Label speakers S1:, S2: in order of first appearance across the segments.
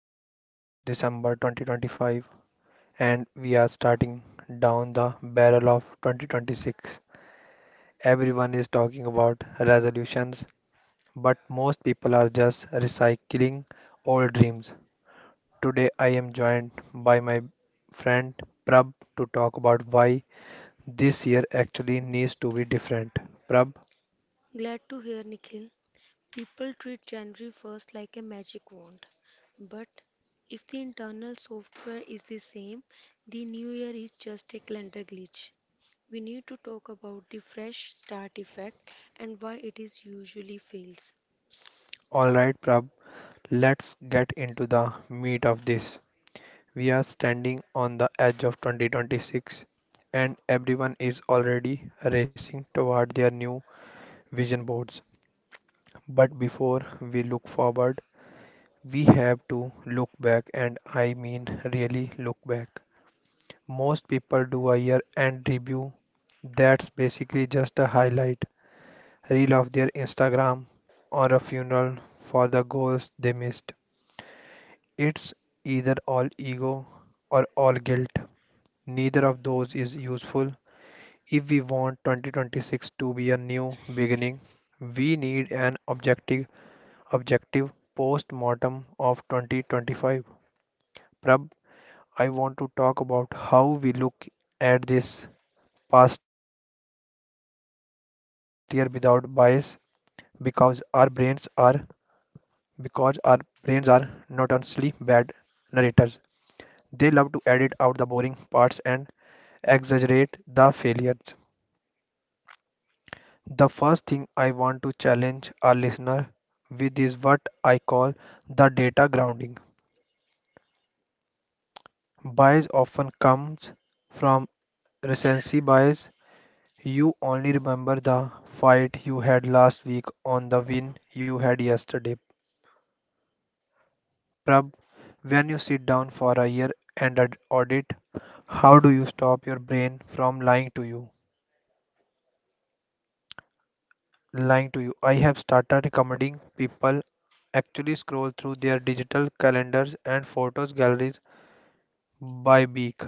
S1: the end of December 2025 and we are starting down the barrel of 2026. Everyone is talking about resolutions, but most people are just recycling old dreams. Today I am joined by my friend Prab to talk about why this year actually needs to be different. Prab,
S2: Glad to hear, Nikhil. People treat January 1st like a magic wand. But if the internal software is the same, the new year is just a calendar glitch. We need to talk about the fresh start effect and why it is usually fails.
S1: all right, Prab, let's get into the meat of this. We are standing on the edge of 2026 and everyone is already racing toward their new vision boards. But before we look forward, we have to look back, and I mean really look back. Most people do a year end review that's basically just a highlight reel of their Instagram or a funeral for the goals they missed. It's either all ego or all guilt. Neither of those is useful. If we want 2026 to be a new beginning, we need an objective post-mortem of 2025. Prab, I want to talk about how we look at this past year without bias because our brains are notoriously bad narrators. They love to edit out the boring parts and exaggerate the failures. The first thing I want to challenge our listener with is what I call the data grounding. Bias often comes from recency bias. You only remember the fight you had last week on the win you had yesterday. Prab, when you sit down for a year and audit, how do you stop your brain from lying to you? I have started recommending people actually scroll through their digital calendars and photos galleries by week.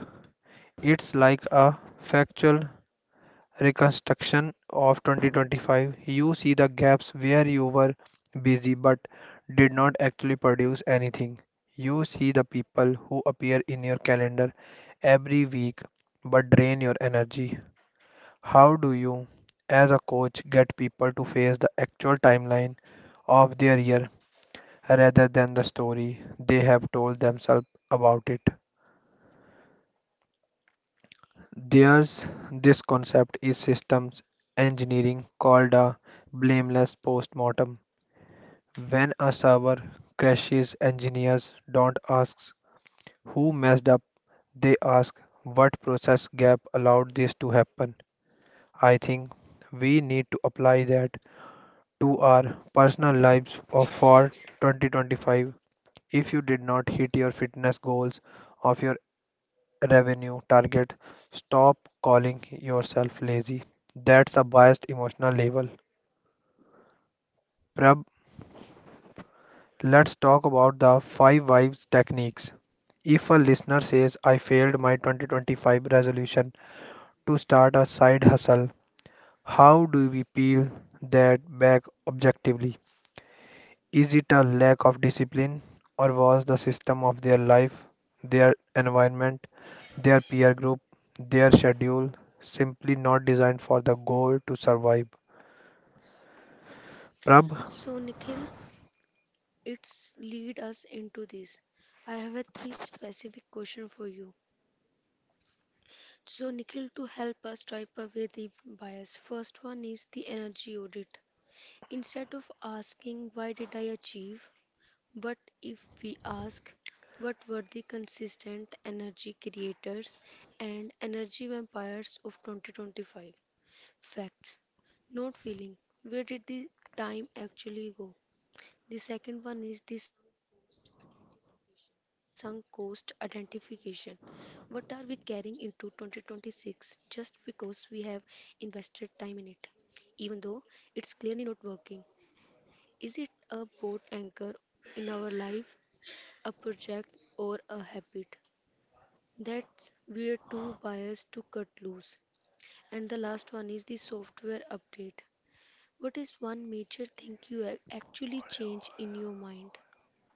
S1: It's like a factual reconstruction of 2025. You see the gaps where you were busy but did not actually produce anything. You see the people who appear in your calendar every week but drain your energy. How do you, as a coach, get people to face the actual timeline of their year rather than the story they have told themselves about it? There's this concept in systems engineering called a blameless postmortem. When a server crashes, engineers don't ask who messed up, they ask what process gap allowed this to happen. I think we need to apply that to our personal lives of for 2025. If you did not hit your fitness goals of your revenue target, stop calling yourself lazy. That's a biased emotional label. Prab, let's talk about the five vibes techniques. If a listener says, I failed my 2025 resolution to start a side hustle, how do we peel that back objectively? Is it a lack of discipline, or was the system of their life, their environment, their peer group, their schedule simply not designed for the goal to survive? Prab,
S2: So, Nikhil, it's lead us into this. I have a three specific question for you. So, Nikhil, to help us wipe away the bias, first one is the energy audit. Instead of asking, why did I achieve? But if we ask, what were the consistent energy creators and energy vampires of 2025? Facts, not feeling. Where did the time actually go? The second one is the sunk cost identification. What are we carrying into 2026 just because we have invested time in it, even though it's clearly not working? Is it a boat anchor in our life, a project, or a habit? That's we're too biased to cut loose. And the last one is the software update. What is one major thing you actually change in your mind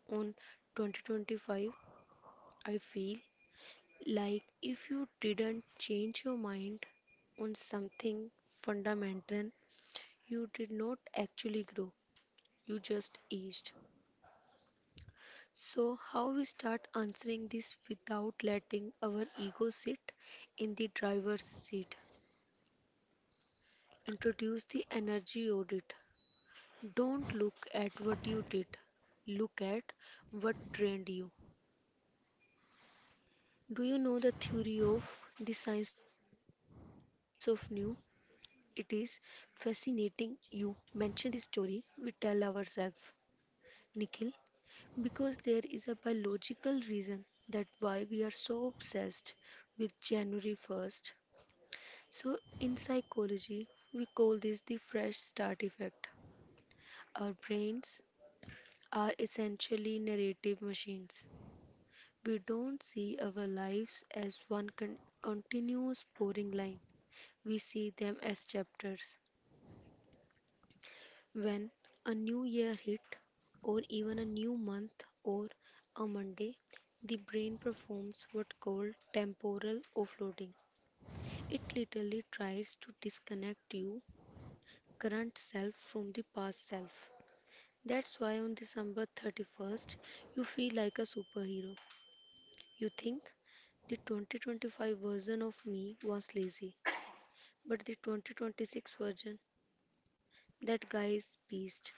S2: on 2025? I feel like if you didn't change your mind on something fundamental, you did not actually grow, you just aged. So, how we start answering this without letting our ego sit in the driver's seat? Introduce the energy audit. Don't look at what you did, look at what trained you. Do you know the theory of the science of new? It is fascinating you mention the story we tell ourselves. Nikhil, because there is a biological reason that why we are so obsessed with January 1st. So in psychology, we call this the fresh start effect. Our brains are essentially narrative machines. We don't see our lives as one continuous boring line. We see them as chapters. When a new year hit, or even a new month or a Monday, the brain performs what called temporal offloading. It literally tries to disconnect your current self from the past self. That's why on December 31st you feel like a superhero. You think the 2025 version of me was lazy, but the 2026 version, that guy is beast.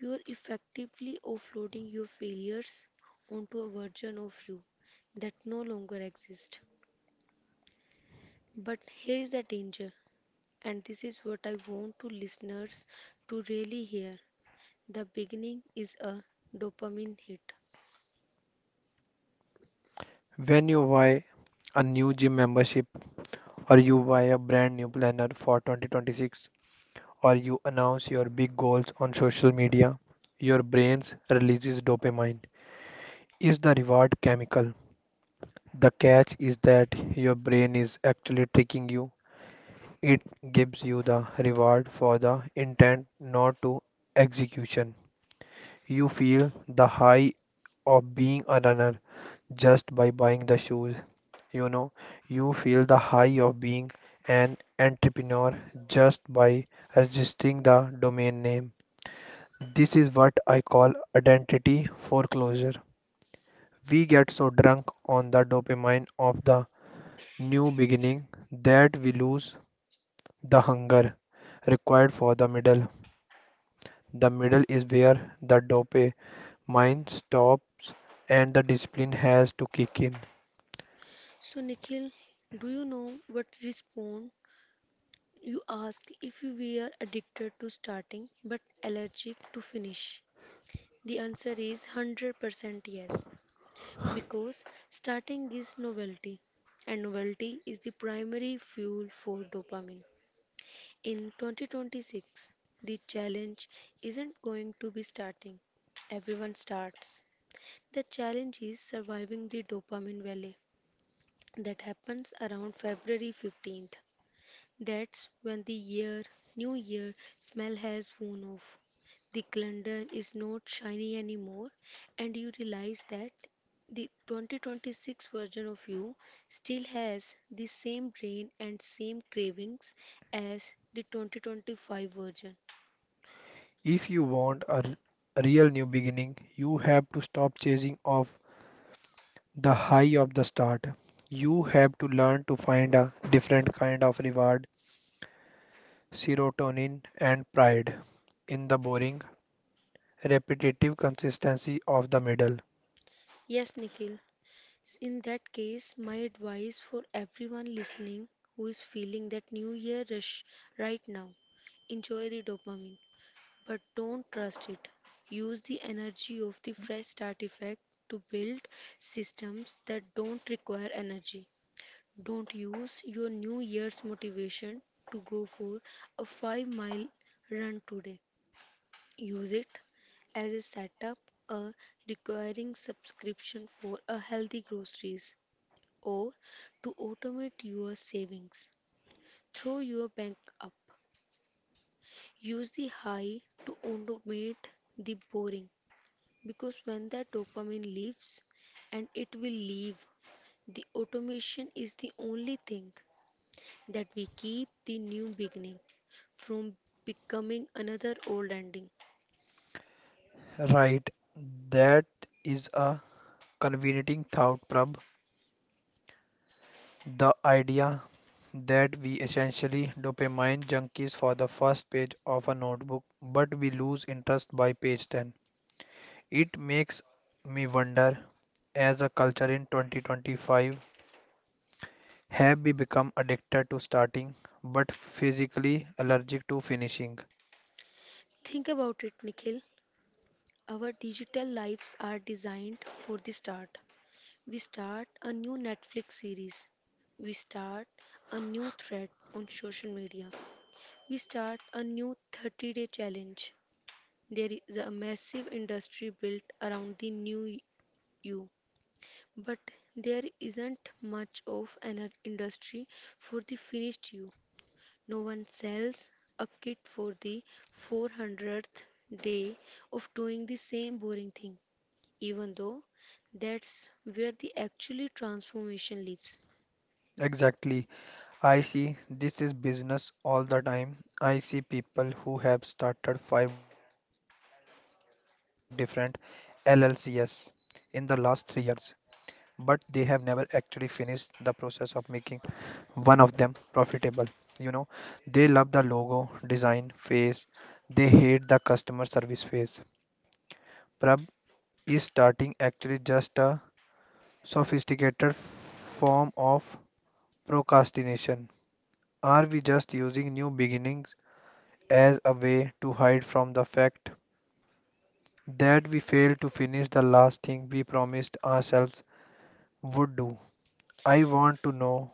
S2: You're effectively offloading your failures onto a version of you that no longer exists. But here's the danger, and this is what I want to listeners to really hear. The beginning is a dopamine hit.
S1: when you buy a new gym membership, or you buy a brand new planner for 2026, or you announce your big goals on social media, your brain releases dopamine. Is the reward chemical? The catch is that your brain is actually tricking you. It gives you the reward for the intent, not to execution. You feel the high of being a runner just by buying the shoes. You know, you feel the high of being an entrepreneur just by registering the domain name. This is what I call identity foreclosure. We get so drunk on the dopamine of the new beginning that we lose the hunger required for the middle. The middle is where the dope mine stops and the discipline has to kick in.
S2: So, Nikhil, do you know what response you asked if you were addicted to starting but allergic to finish? The answer is 100% yes. Because starting is novelty, and novelty is the primary fuel for dopamine. In 2026, the challenge isn't going to be starting. Everyone starts. The challenge is surviving the dopamine valley that happens around February 15th. That's when the year, new year smell has worn off. The calendar is not shiny anymore, and you realize that the 2026 version of you still has the same brain and same cravings as the 2025 version.
S1: If you want a real new beginning, you have to stop chasing off the high of the start. You have to learn to find a different kind of reward, serotonin and pride in the boring, repetitive consistency of the middle.
S2: Yes, Nikhil. In that case, my advice for everyone listening who is feeling that new year rush right now, enjoy the dopamine, but don't trust it. Use the energy of the fresh start effect to build systems that don't require energy. Don't use your New Year's motivation to go for a 5-mile run today. Use it as a setup, a recurring subscription for a healthy groceries, or to automate your savings. Throw your bank up. Use the high to automate the boring, because when that dopamine leaves, and it will leave, the automation is the only thing that we keep the new beginning from becoming another old ending.
S1: Right, that is a convenient thought, Prab. The idea that we essentially dopamine junkies for the first page of a notebook, but we lose interest by page 10. It makes me wonder, as a culture in 2025, have we become addicted to starting, but physically allergic to finishing?
S2: Think about it, Nikhil. Our digital lives are designed for the start. We start a new Netflix series. We start a new thread on social media. We start a new 30-day challenge. There is a massive industry built around the new you. But there isn't much of an industry for the finished you. No one sells a kit for the 400th day of doing the same boring thing, even though that's where the actually transformation lives.
S1: Exactly. I see this is business all the time. I see people who have started five different LLCs in the last 3 years, but they have never actually finished the process of making one of them profitable. You know, they love the logo design phase, they hate the customer service phase. Prab, is starting actually just a sophisticated form of procrastination? Are we just using new beginnings as a way to hide from the fact that we failed to finish the last thing we promised ourselves would do? I want to know,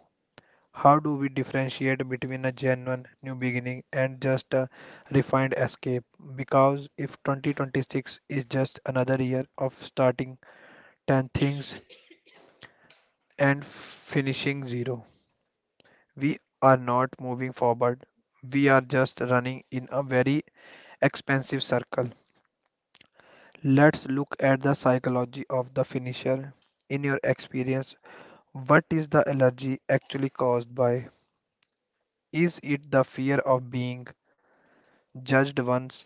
S1: how do we differentiate between a genuine new beginning and just a refined escape? Because if 2026 is just another year of starting 10 things and finishing zero, we are not moving forward. We are just running in a very expensive circle. Let's look at the psychology of the finisher. In your experience, what is the allergy actually caused by? Is it the fear of being judged once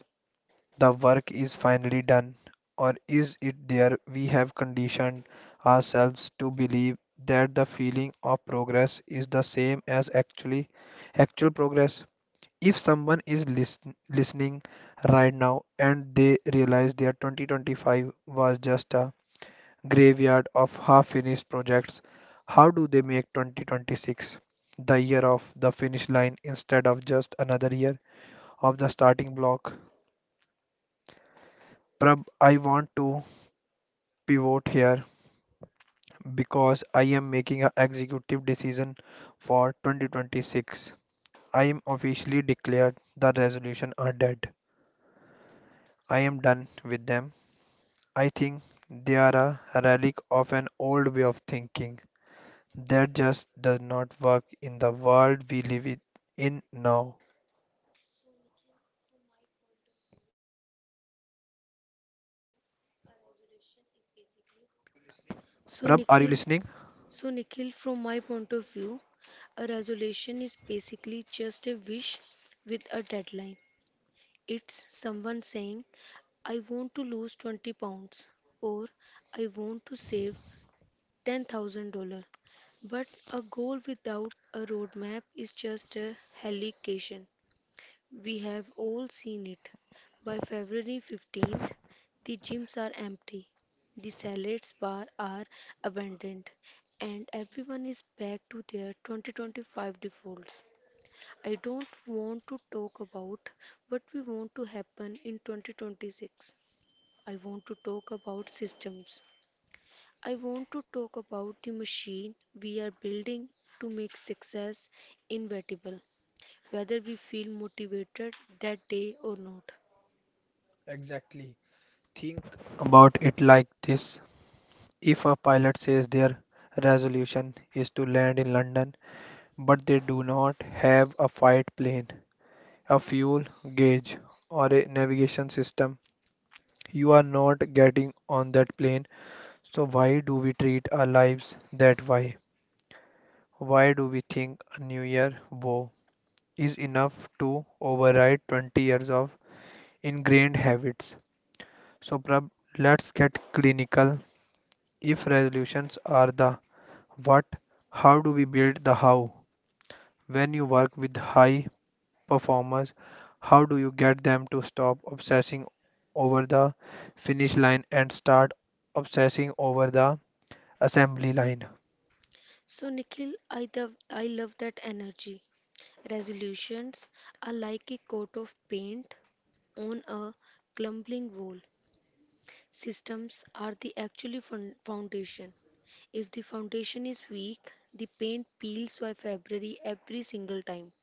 S1: the work is finally done? Or is it there we have conditioned ourselves to believe that the feeling of progress is the same as actual progress? If someone is listening right now and they realize their 2025 was just a graveyard of half finished projects, how do they make 2026 the year of the finish line instead of just another year of the starting block? Prab, I want to pivot here because I am making an executive decision for 2026. I am officially declared the resolution are dead. I am done with them. I think they are a relic of an old way of thinking that just does not work in the world we live in now. Prab, are you listening?
S2: So, Nikhil, so, Nikhil, from my point of view, a resolution is basically just a wish with a deadline. It's someone saying, I want to lose 20 pounds or I want to save $10,000. But a goal without a roadmap is just a hallucination. We have all seen it. By February 15th, the gyms are empty, the salads bar are abandoned, and everyone is back to their 2025 defaults. I don't want to talk about what we want to happen in 2026. I want to talk about systems. I want to talk about the machine we are building to make success inevitable, whether we feel motivated that day or not.
S1: Exactly. Think about it like this. If a pilot says their resolution is to land in London but they do not have a fight plane, a fuel gauge, or a navigation system. You are not getting on that plane, so why do we treat our lives that way? Why do we think a new year vow is enough to override 20 years of ingrained habits? So, Prab, let's get clinical. If resolutions are the what, how do we build the how? When you work with high performers, how do you get them to stop obsessing over the finish line and start obsessing over the assembly line?
S2: So, Nikhil, I love that energy. Resolutions are like a coat of paint on a crumbling wall. Systems are the actually foundation. If the foundation is weak, the paint peels by February every single time.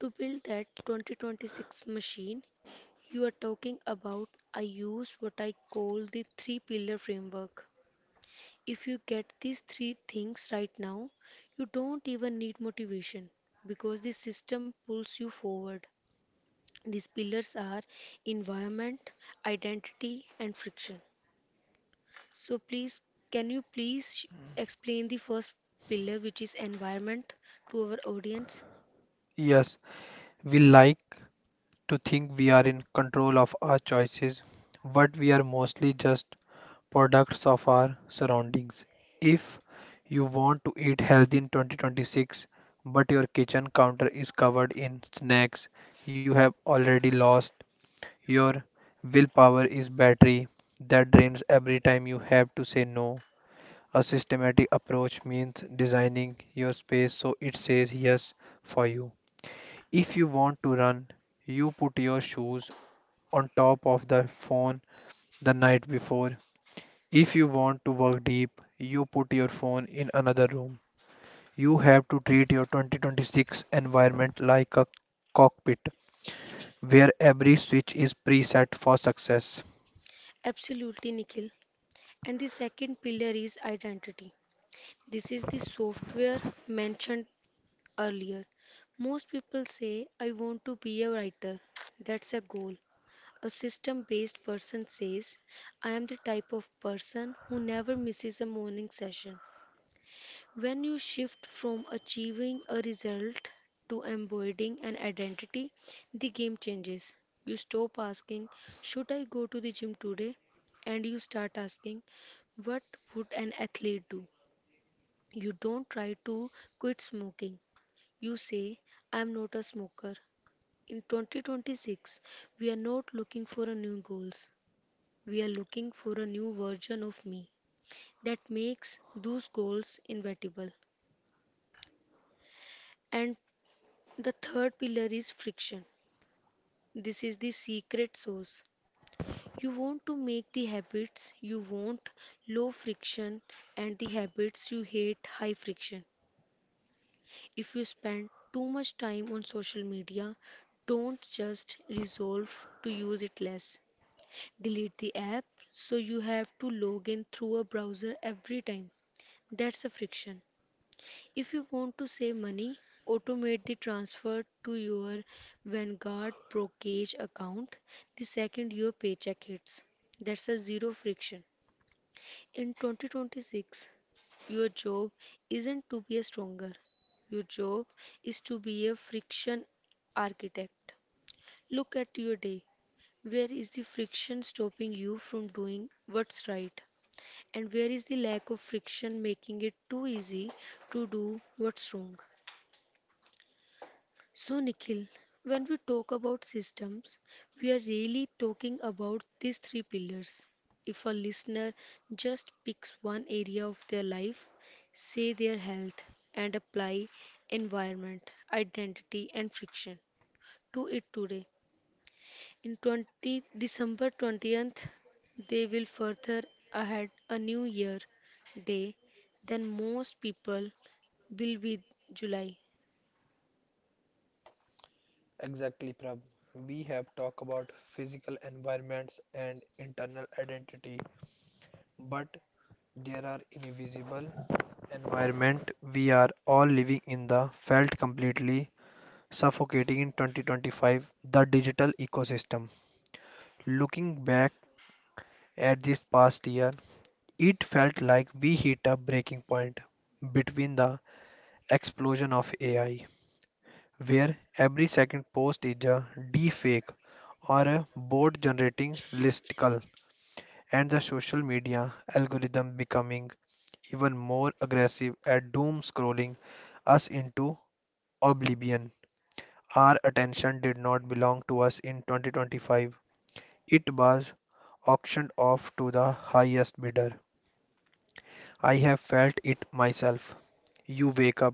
S2: To build that 2026 machine, you are talking about, I use what I call the three pillar framework. If you get these three things right now, you don't even need motivation because the system pulls you forward. These pillars are environment, identity, and friction. So please, can you please sh- explain the first pillar, which is environment, to our audience?
S1: Yes, we like to think we are in control of our choices, but we are mostly just products of our surroundings. If you want to eat healthy in 2026, but your kitchen counter is covered in snacks, you have already lost. Your willpower is battery that drains every time you have to say no. A systematic approach means designing your space so it says yes for you. If you want to run, you put your shoes on top of the phone the night before. If you want to work deep, you put your phone in another room. You have to treat your 2026 environment like a cockpit where every switch is preset for success.
S2: Absolutely, Nikhil. And the second pillar is identity. This is the software mentioned earlier. Most people say, I want to be a writer. That's a goal. A system based person says, I am the type of person who never misses a morning session. When you shift from achieving a result to embodying an identity, the game changes. You stop asking, should I go to the gym today? And you start asking, what would an athlete do? You don't try to quit smoking. You say, I am not a smoker. In 2026, we are not looking for a new goals. We are looking for a new version of me that makes those goals inevitable. And the third pillar is friction. This is the secret sauce. You want to make the habits you want low friction and the habits you hate high friction. If you spend too much time on social media, don't just resolve to use it less. Delete the app so you have to log in through a browser every time. That's a friction. If you want to save money, automate the transfer to your Vanguard brokerage account the second your paycheck hits. That's a zero friction. In 2026, your job isn't to be a stronger. Your job is to be a friction architect. Look at your day. Where is the friction stopping you from doing what's right? And where is the lack of friction making it too easy to do what's wrong? So, Nikhil, when we talk about systems, we are really talking about these three pillars. If a listener just picks one area of their life, say their health, and apply environment, identity, and friction to it today, in 20, December 20th, they will further ahead a new year day than most people will be July.
S1: Exactly, Prab. We have talked about physical environments and internal identity, but there are invisible environment we are all living in the felt completely suffocating in 2025. The digital ecosystem, looking back at this past year, it felt like we hit a breaking point between the explosion of AI, where every second post is a deepfake or a bot generating listicle, and the social media algorithm becoming even more aggressive at doom scrolling us into oblivion. Our attention did not belong to us in 2025. It was auctioned off to the highest bidder. I have felt it myself. You wake up,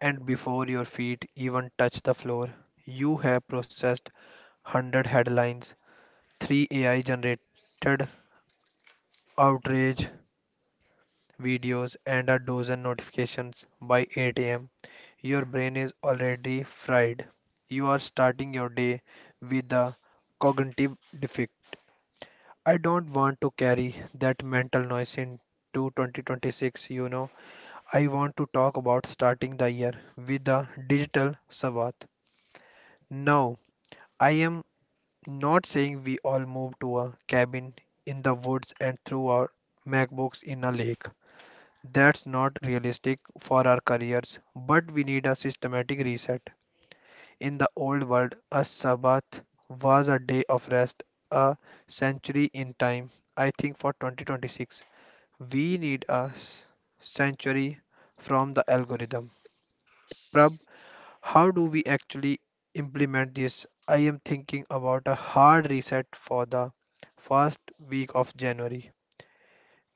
S1: and before your feet even touch the floor, you have processed 100 headlines, 3 AI generated outrage videos, and a dozen notifications by 8 a.m., your brain is already fried. You are starting your day with a cognitive defect. I don't want to carry that mental noise into 2026. I want to talk about starting the year with a digital Savat. Now, I am not saying we all moved to a cabin in the woods and threw our MacBooks in a lake. That's not realistic for our careers, but we need a systematic reset. In the old world, a Sabbath was a day of rest, a century in time. I think for 2026, we need a century from the algorithm. Prab, how do we actually implement this? I am thinking about a hard reset for the first week of January.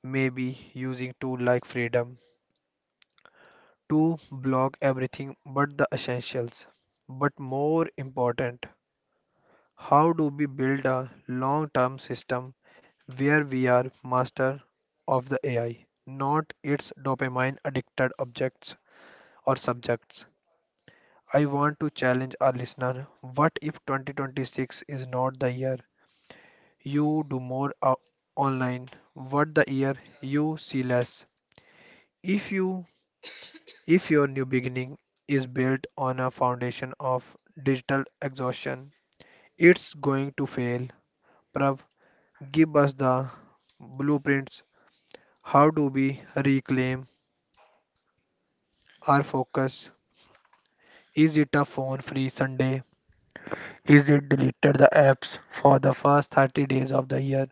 S1: Maybe using tool like Freedom to block everything but the essentials. But more important, how do we build a long-term system where we are master of the AI, not its dopamine addicted objects or subjects? I want to challenge our listener. What if 2026 is not the year you do more online? What the year you see less? If you if your new beginning is built on a foundation of digital exhaustion, it's going to fail. Prav, give us the blueprints. How do we reclaim our focus? Is it a phone free Sunday? Is it deleted the apps for the first 30 days of the year?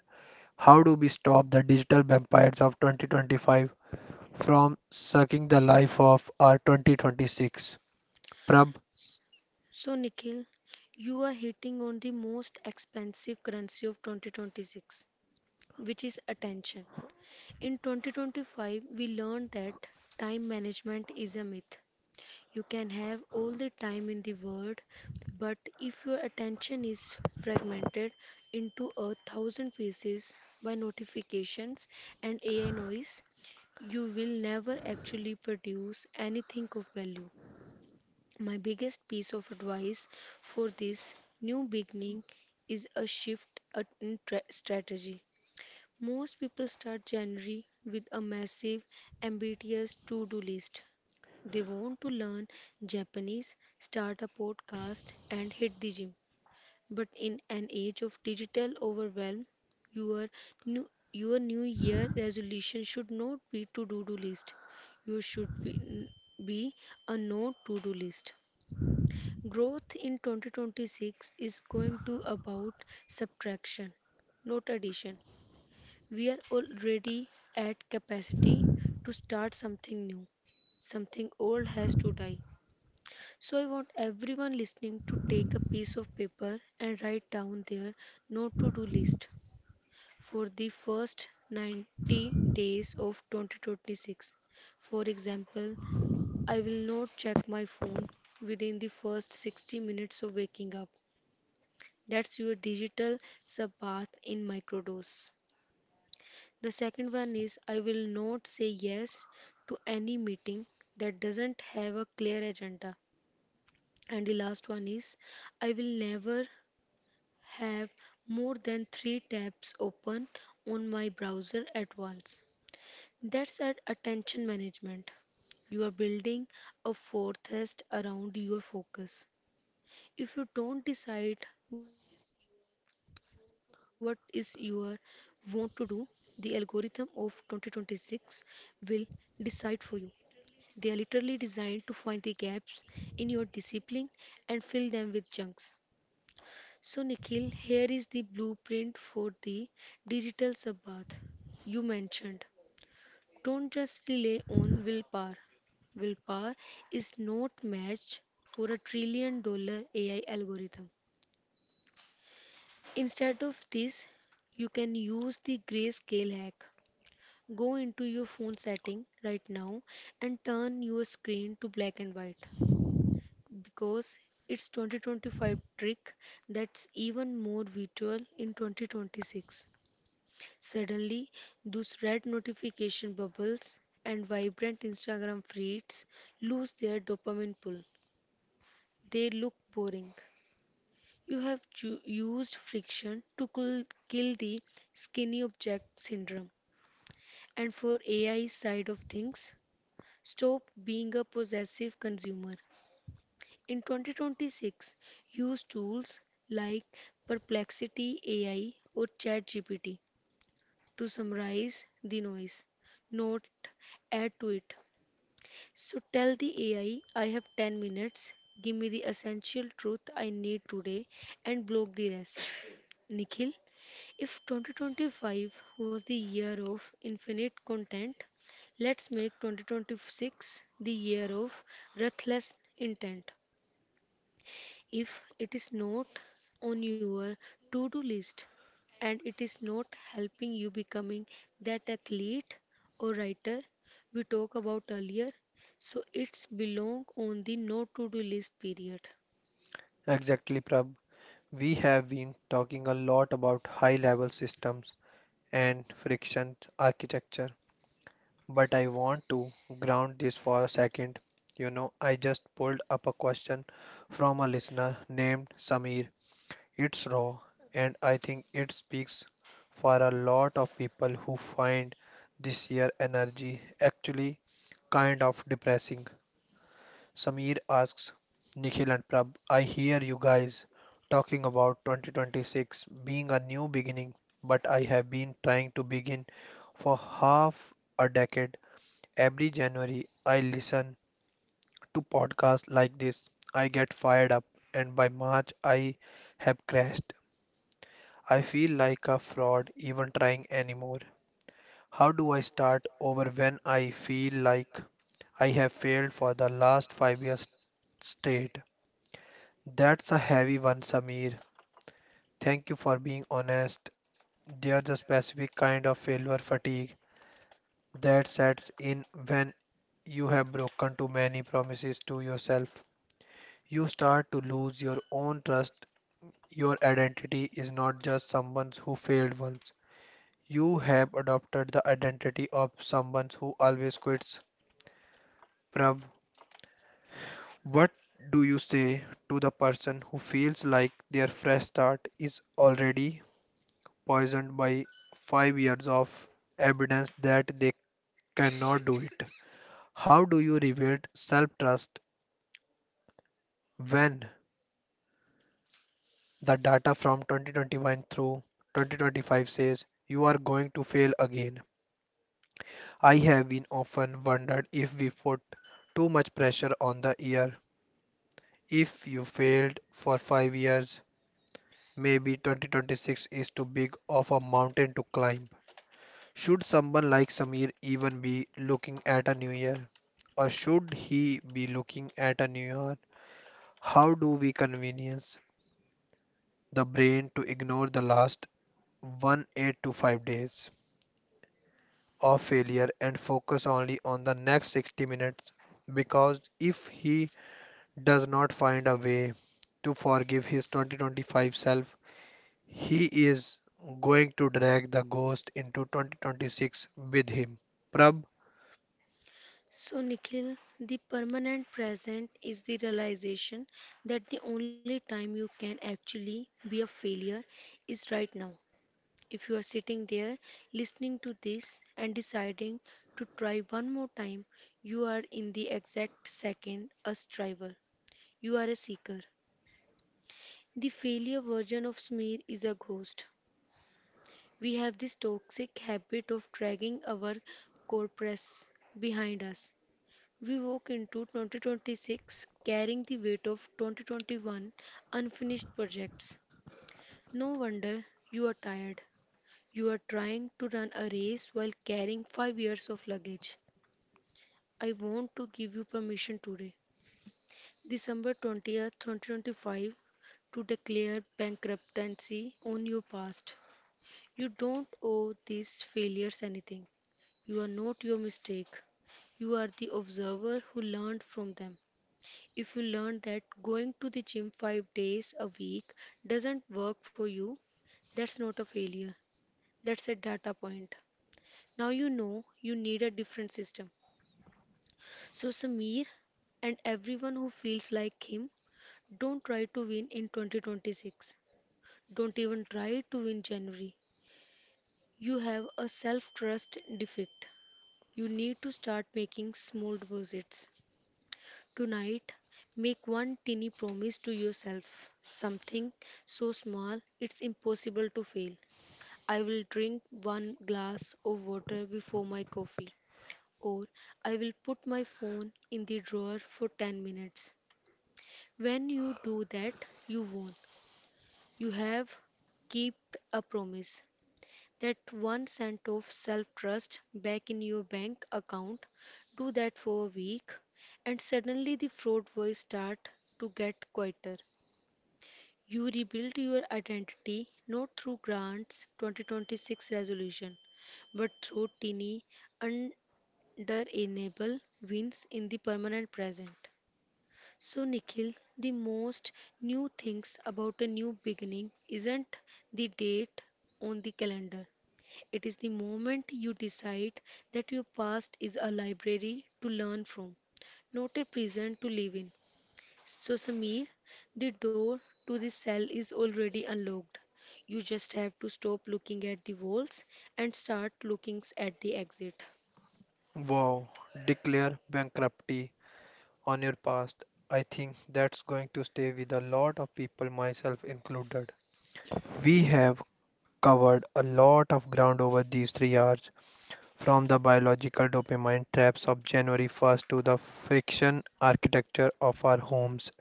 S1: How do we stop the digital vampires of 2025 from sucking the life of our 2026? Prab.
S2: So, Nikhil, you are hitting on the most expensive currency of 2026, which is attention. In 2025, we learned that time management is a myth. You can have all the time in the world, but if your attention is fragmented into a thousand pieces by notifications and AI noise, you will never actually produce anything of value. My biggest piece of advice for this new beginning is a shift in strategy. Most people start January with a massive, ambitious to do list. They want to learn Japanese, start a podcast, and hit the gym. But in an age of digital overwhelm, your your new year resolution should not be to do list. You should be a no to do list. Growth in 2026 is going to about subtraction, not addition. We are already at capacity to start something new. Something old has to die. So I want everyone listening to take a piece of paper and write down their no to do list for the first 90 days of 2026. For example, I will not check my phone within the first 60 minutes of waking up. That's your digital subbath in microdose. The second one is I will not say yes to any meeting that doesn't have a clear agenda. And the last one is I will never have more than three tabs open on my browser at once. That's at attention management. You are building a fortress around your focus. If you don't decide what is your want to do, the algorithm of 2026 will decide for you. They are literally designed to find the gaps in your discipline and fill them with chunks. So, Nikhil, here is the blueprint for the digital Sabbath you mentioned. Don't just rely on willpower. Willpower is not matched for a trillion dollar AI algorithm. Instead of this, you can use the grayscale hack. Go into your phone setting right now and turn your screen to black and white because it's 2025 trick that's even more visual in 2026. Suddenly, those red notification bubbles and vibrant Instagram feeds lose their dopamine pull. They look boring. You have used friction to kill the skinny object syndrome. And for AI side of things, stop being a possessive consumer. In 2026, use tools like Perplexity AI or ChatGPT to summarize the noise, not add to it. So tell the AI, I have 10 minutes, give me the essential truth I need today, and block the rest. Nikhil, if 2025 was the year of infinite content, let's make 2026 the year of ruthless intent. If it is not on your to do list and it is not helping you becoming that athlete or writer we talked about earlier, so it's belong on the no to do list period.
S1: Exactly, Prab. We have been talking a lot about high level systems and friction architecture, but I want to ground this for a second. You know, I just pulled up a question from a listener named Samir. It's raw, and I think it speaks for a lot of people who find this year energy actually kind of depressing. Samir asks, Nikhil and Prab, I hear you guys talking about 2026 being a new beginning, but I have been trying to begin for half a decade. Every January, I listen to podcasts like this. I get fired up, and by March, I have crashed. I feel like a fraud even trying anymore. How do I start over when I feel like I have failed for the last 5 years straight? That's a heavy one, Samir. Thank you for being honest. There's a specific kind of failure fatigue that sets in when you have broken too many promises to yourself. You start to lose your own trust. Your identity is not just someone who failed once. You have adopted the identity of someone who always quits. Prav, what do you say to the person who feels like their fresh start is already poisoned by 5 years of evidence that they cannot do it? How do you rebuild self trust when the data from 2021 through 2025 says you are going to fail again? I have been often wondered if we put too much pressure on the year. If you failed for 5 years, maybe 2026 is too big of a mountain to climb. Should someone like Samir even be looking at a new year? Or should he be looking at a new year? How do we convince the brain to ignore the last 1 8 to 5 days of failure and focus only on the next 60 minutes? Because if he does not find a way to forgive his 2025 self, he is going to drag the ghost into 2026 with him. Prab,
S2: So, Nikhil, the permanent present is the realization that the only time you can actually be a failure is right now. If you are sitting there listening to this and deciding to try one more time, you are in the exact second a striver. You are a seeker. The failure version of smear is a ghost. We have this toxic habit of dragging our core behind us. We walk into 2026 carrying the weight of 2021 unfinished projects. No wonder you are tired. You are trying to run a race while carrying 5 years of luggage. I want to give you permission today, December 20th, 2025, to declare bankruptcy on your past. You don't owe these failures anything. You are not your mistake. You are the observer who learned from them. If you learn that going to the gym 5 days a week doesn't work for you, that's not a failure. That's a data point. Now you know you need a different system. So, Samir and everyone who feels like him, don't try to win in 2026. Don't even try to win January. You have a self trust defect. You need to start making small deposits. Tonight, make one tiny promise to yourself, something so small it's impossible to fail. I will drink one glass of water before my coffee, or I will put my phone in the drawer for 10 minutes. When you do that, you won. You have kept a promise. That 1 cent of self trust back in your bank account, do that for a week, and suddenly the fraud voice start to get quieter. You rebuild your identity not through grants 2026 resolution, but through teeny, understandable wins in the permanent present. So, Nikhil, the most new things about a new beginning isn't the date on the calendar, it is the moment you decide that your past is a library to learn from, not a prison to live in. So, Samir, the door to the cell is already unlocked. You just have to stop looking at the walls and start looking at the exit.
S1: wow, declare bankruptcy on your past. I think that's going to stay with a lot of people, myself included. We have covered a lot of ground over these 3 hours, from the biological dopamine traps of January 1st to the friction architecture of our homes,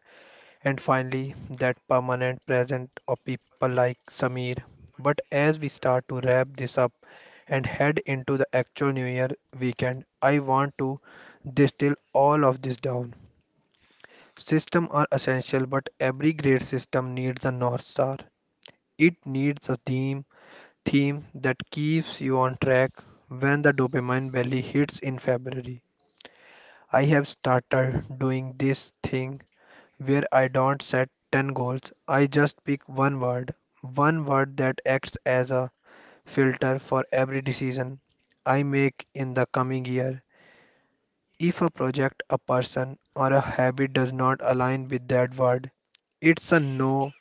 S1: and finally that permanent presence of people like Samir. But as we start to wrap this up and head into the actual New Year weekend, I want to distill all of this down. Systems are essential, but every great system needs a North Star. It needs a theme that keeps you on track when the dopamine valley hits in February. I have started doing this thing where I don't set 10 goals. I just pick one word that acts as a filter for every decision I make in the coming year. If a project, a person, or a habit does not align with that word, it's a no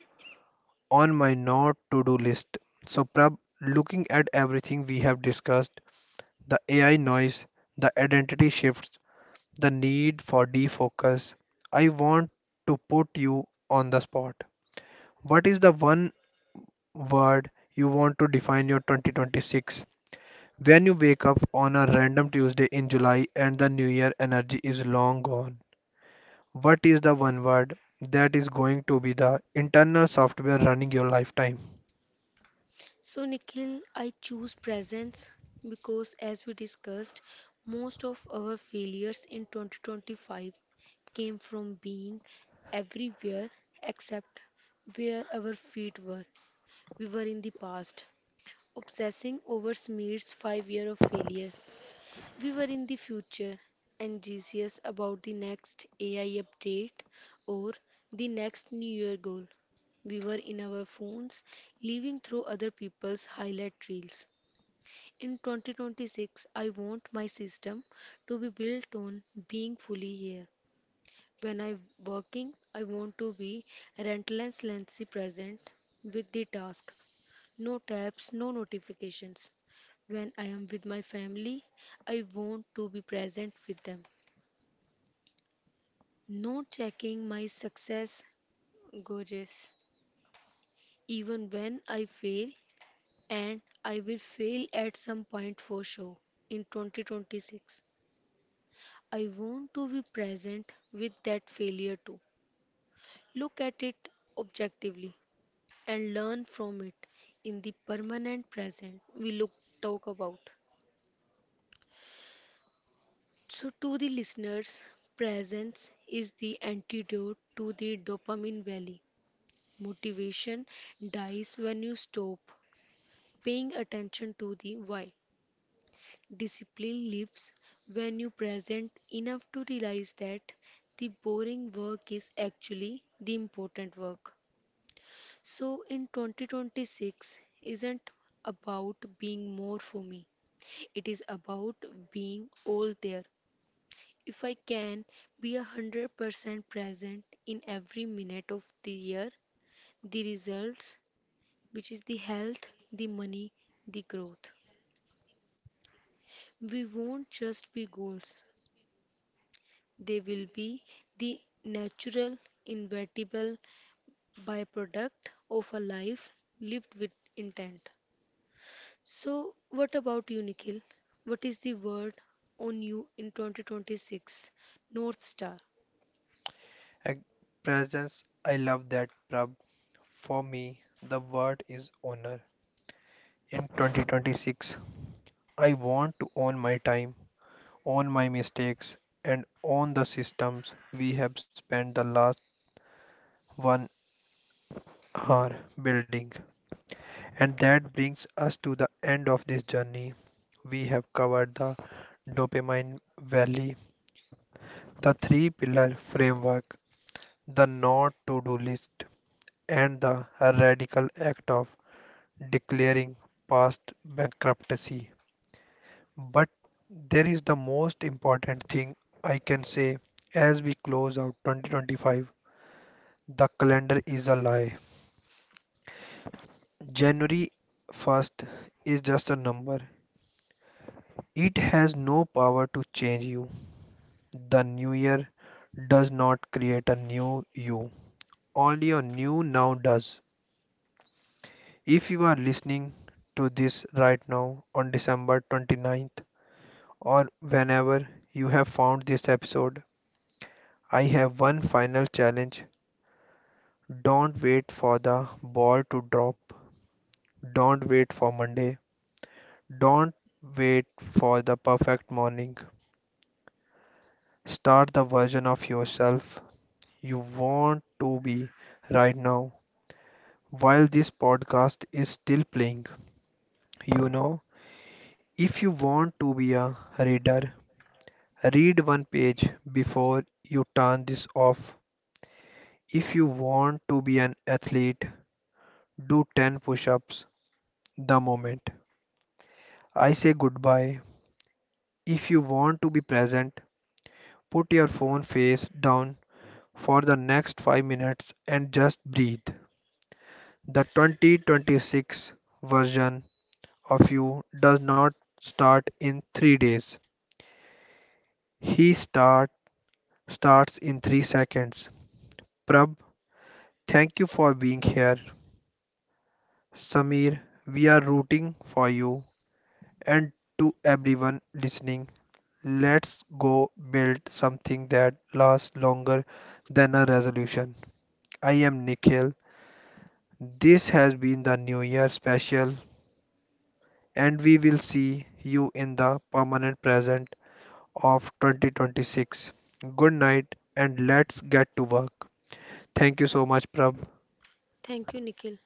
S1: on my not to do list. So, Prab, looking at everything we have discussed, the AI noise, the identity shifts, the need for defocus, I want to put you on the spot. What is the one word you want to define your 2026? When you wake up on a random Tuesday in July and the new year energy is long gone, what is the one word that is going to be the internal software running your lifetime?
S2: So, Nikhil, I choose presence because, as we discussed, most of our failures in 2025 came from being everywhere except where our feet were. We were in the past, obsessing over Smear's 5 year of failure. We were in the future, anxious about the next AI update or the next New Year goal. We were in our phones, living through other people's highlight reels. In 2026, I want my system to be built on being fully here. When I'm working, I want to be relentlessly present with the task. No tabs, no notifications. When I am with my family, I want to be present with them. Not checking my success gauges. Even when I fail, and I will fail at some point for sure in 2026, I want to be present with that failure too. Look at it objectively, and learn from it in the permanent present we look talk about. So to the listeners, presence is the antidote to the dopamine valley. Motivation dies when you stop paying attention to the why. Discipline lives when you present enough to realize that the boring work is actually the important work. So in 2026 isn't about being more for me. It is about being all there. If I can be 100% present in every minute of the year, the results, which is the health, the money, the growth, we won't just be goals. They will be the natural, inevitable byproduct of a life lived with intent. So, what about you, Nikhil? What is the word on you in 2026? North Star.
S1: Ex- Presence, I love that, Prab. For me, the word is honor. In 2026, I want to own my time, own my mistakes, and own the systems we have spent the last one are building. And that brings us to the end of this journey. We have covered the dopamine valley, the three pillar framework, the not to do list, and the radical act of declaring past bankruptcy. But there is the most important thing I can say as we close out 2025. The calendar is a lie. January 1st is just a number. It has no power to change you. The new year does not create a new you. Only your new now does. If you are listening to this right now on December 29th or whenever you have found this episode, I have one final challenge. Don't wait for the ball to drop. Don't wait for Monday. Don't wait for the perfect morning. Start the version of yourself you want to be right now while this podcast is still playing. You know, if you want to be a reader, read one page before you turn this off. If you want to be an athlete, do 10 push ups the moment I say goodbye. If you want to be present, put your phone face down for the next 5 minutes and just breathe. The 2026 version of you does not start in 3 days. He starts in 3 seconds. Prab, thank you for being here. Samir, we are rooting for you. And to everyone listening, let's go build something that lasts longer than a resolution. I am Nikhil. This has been the New Year special, and we will see you in the permanent present of 2026. Good night and let's get to work. Thank you so much, Prab.
S2: Thank you, Nikhil.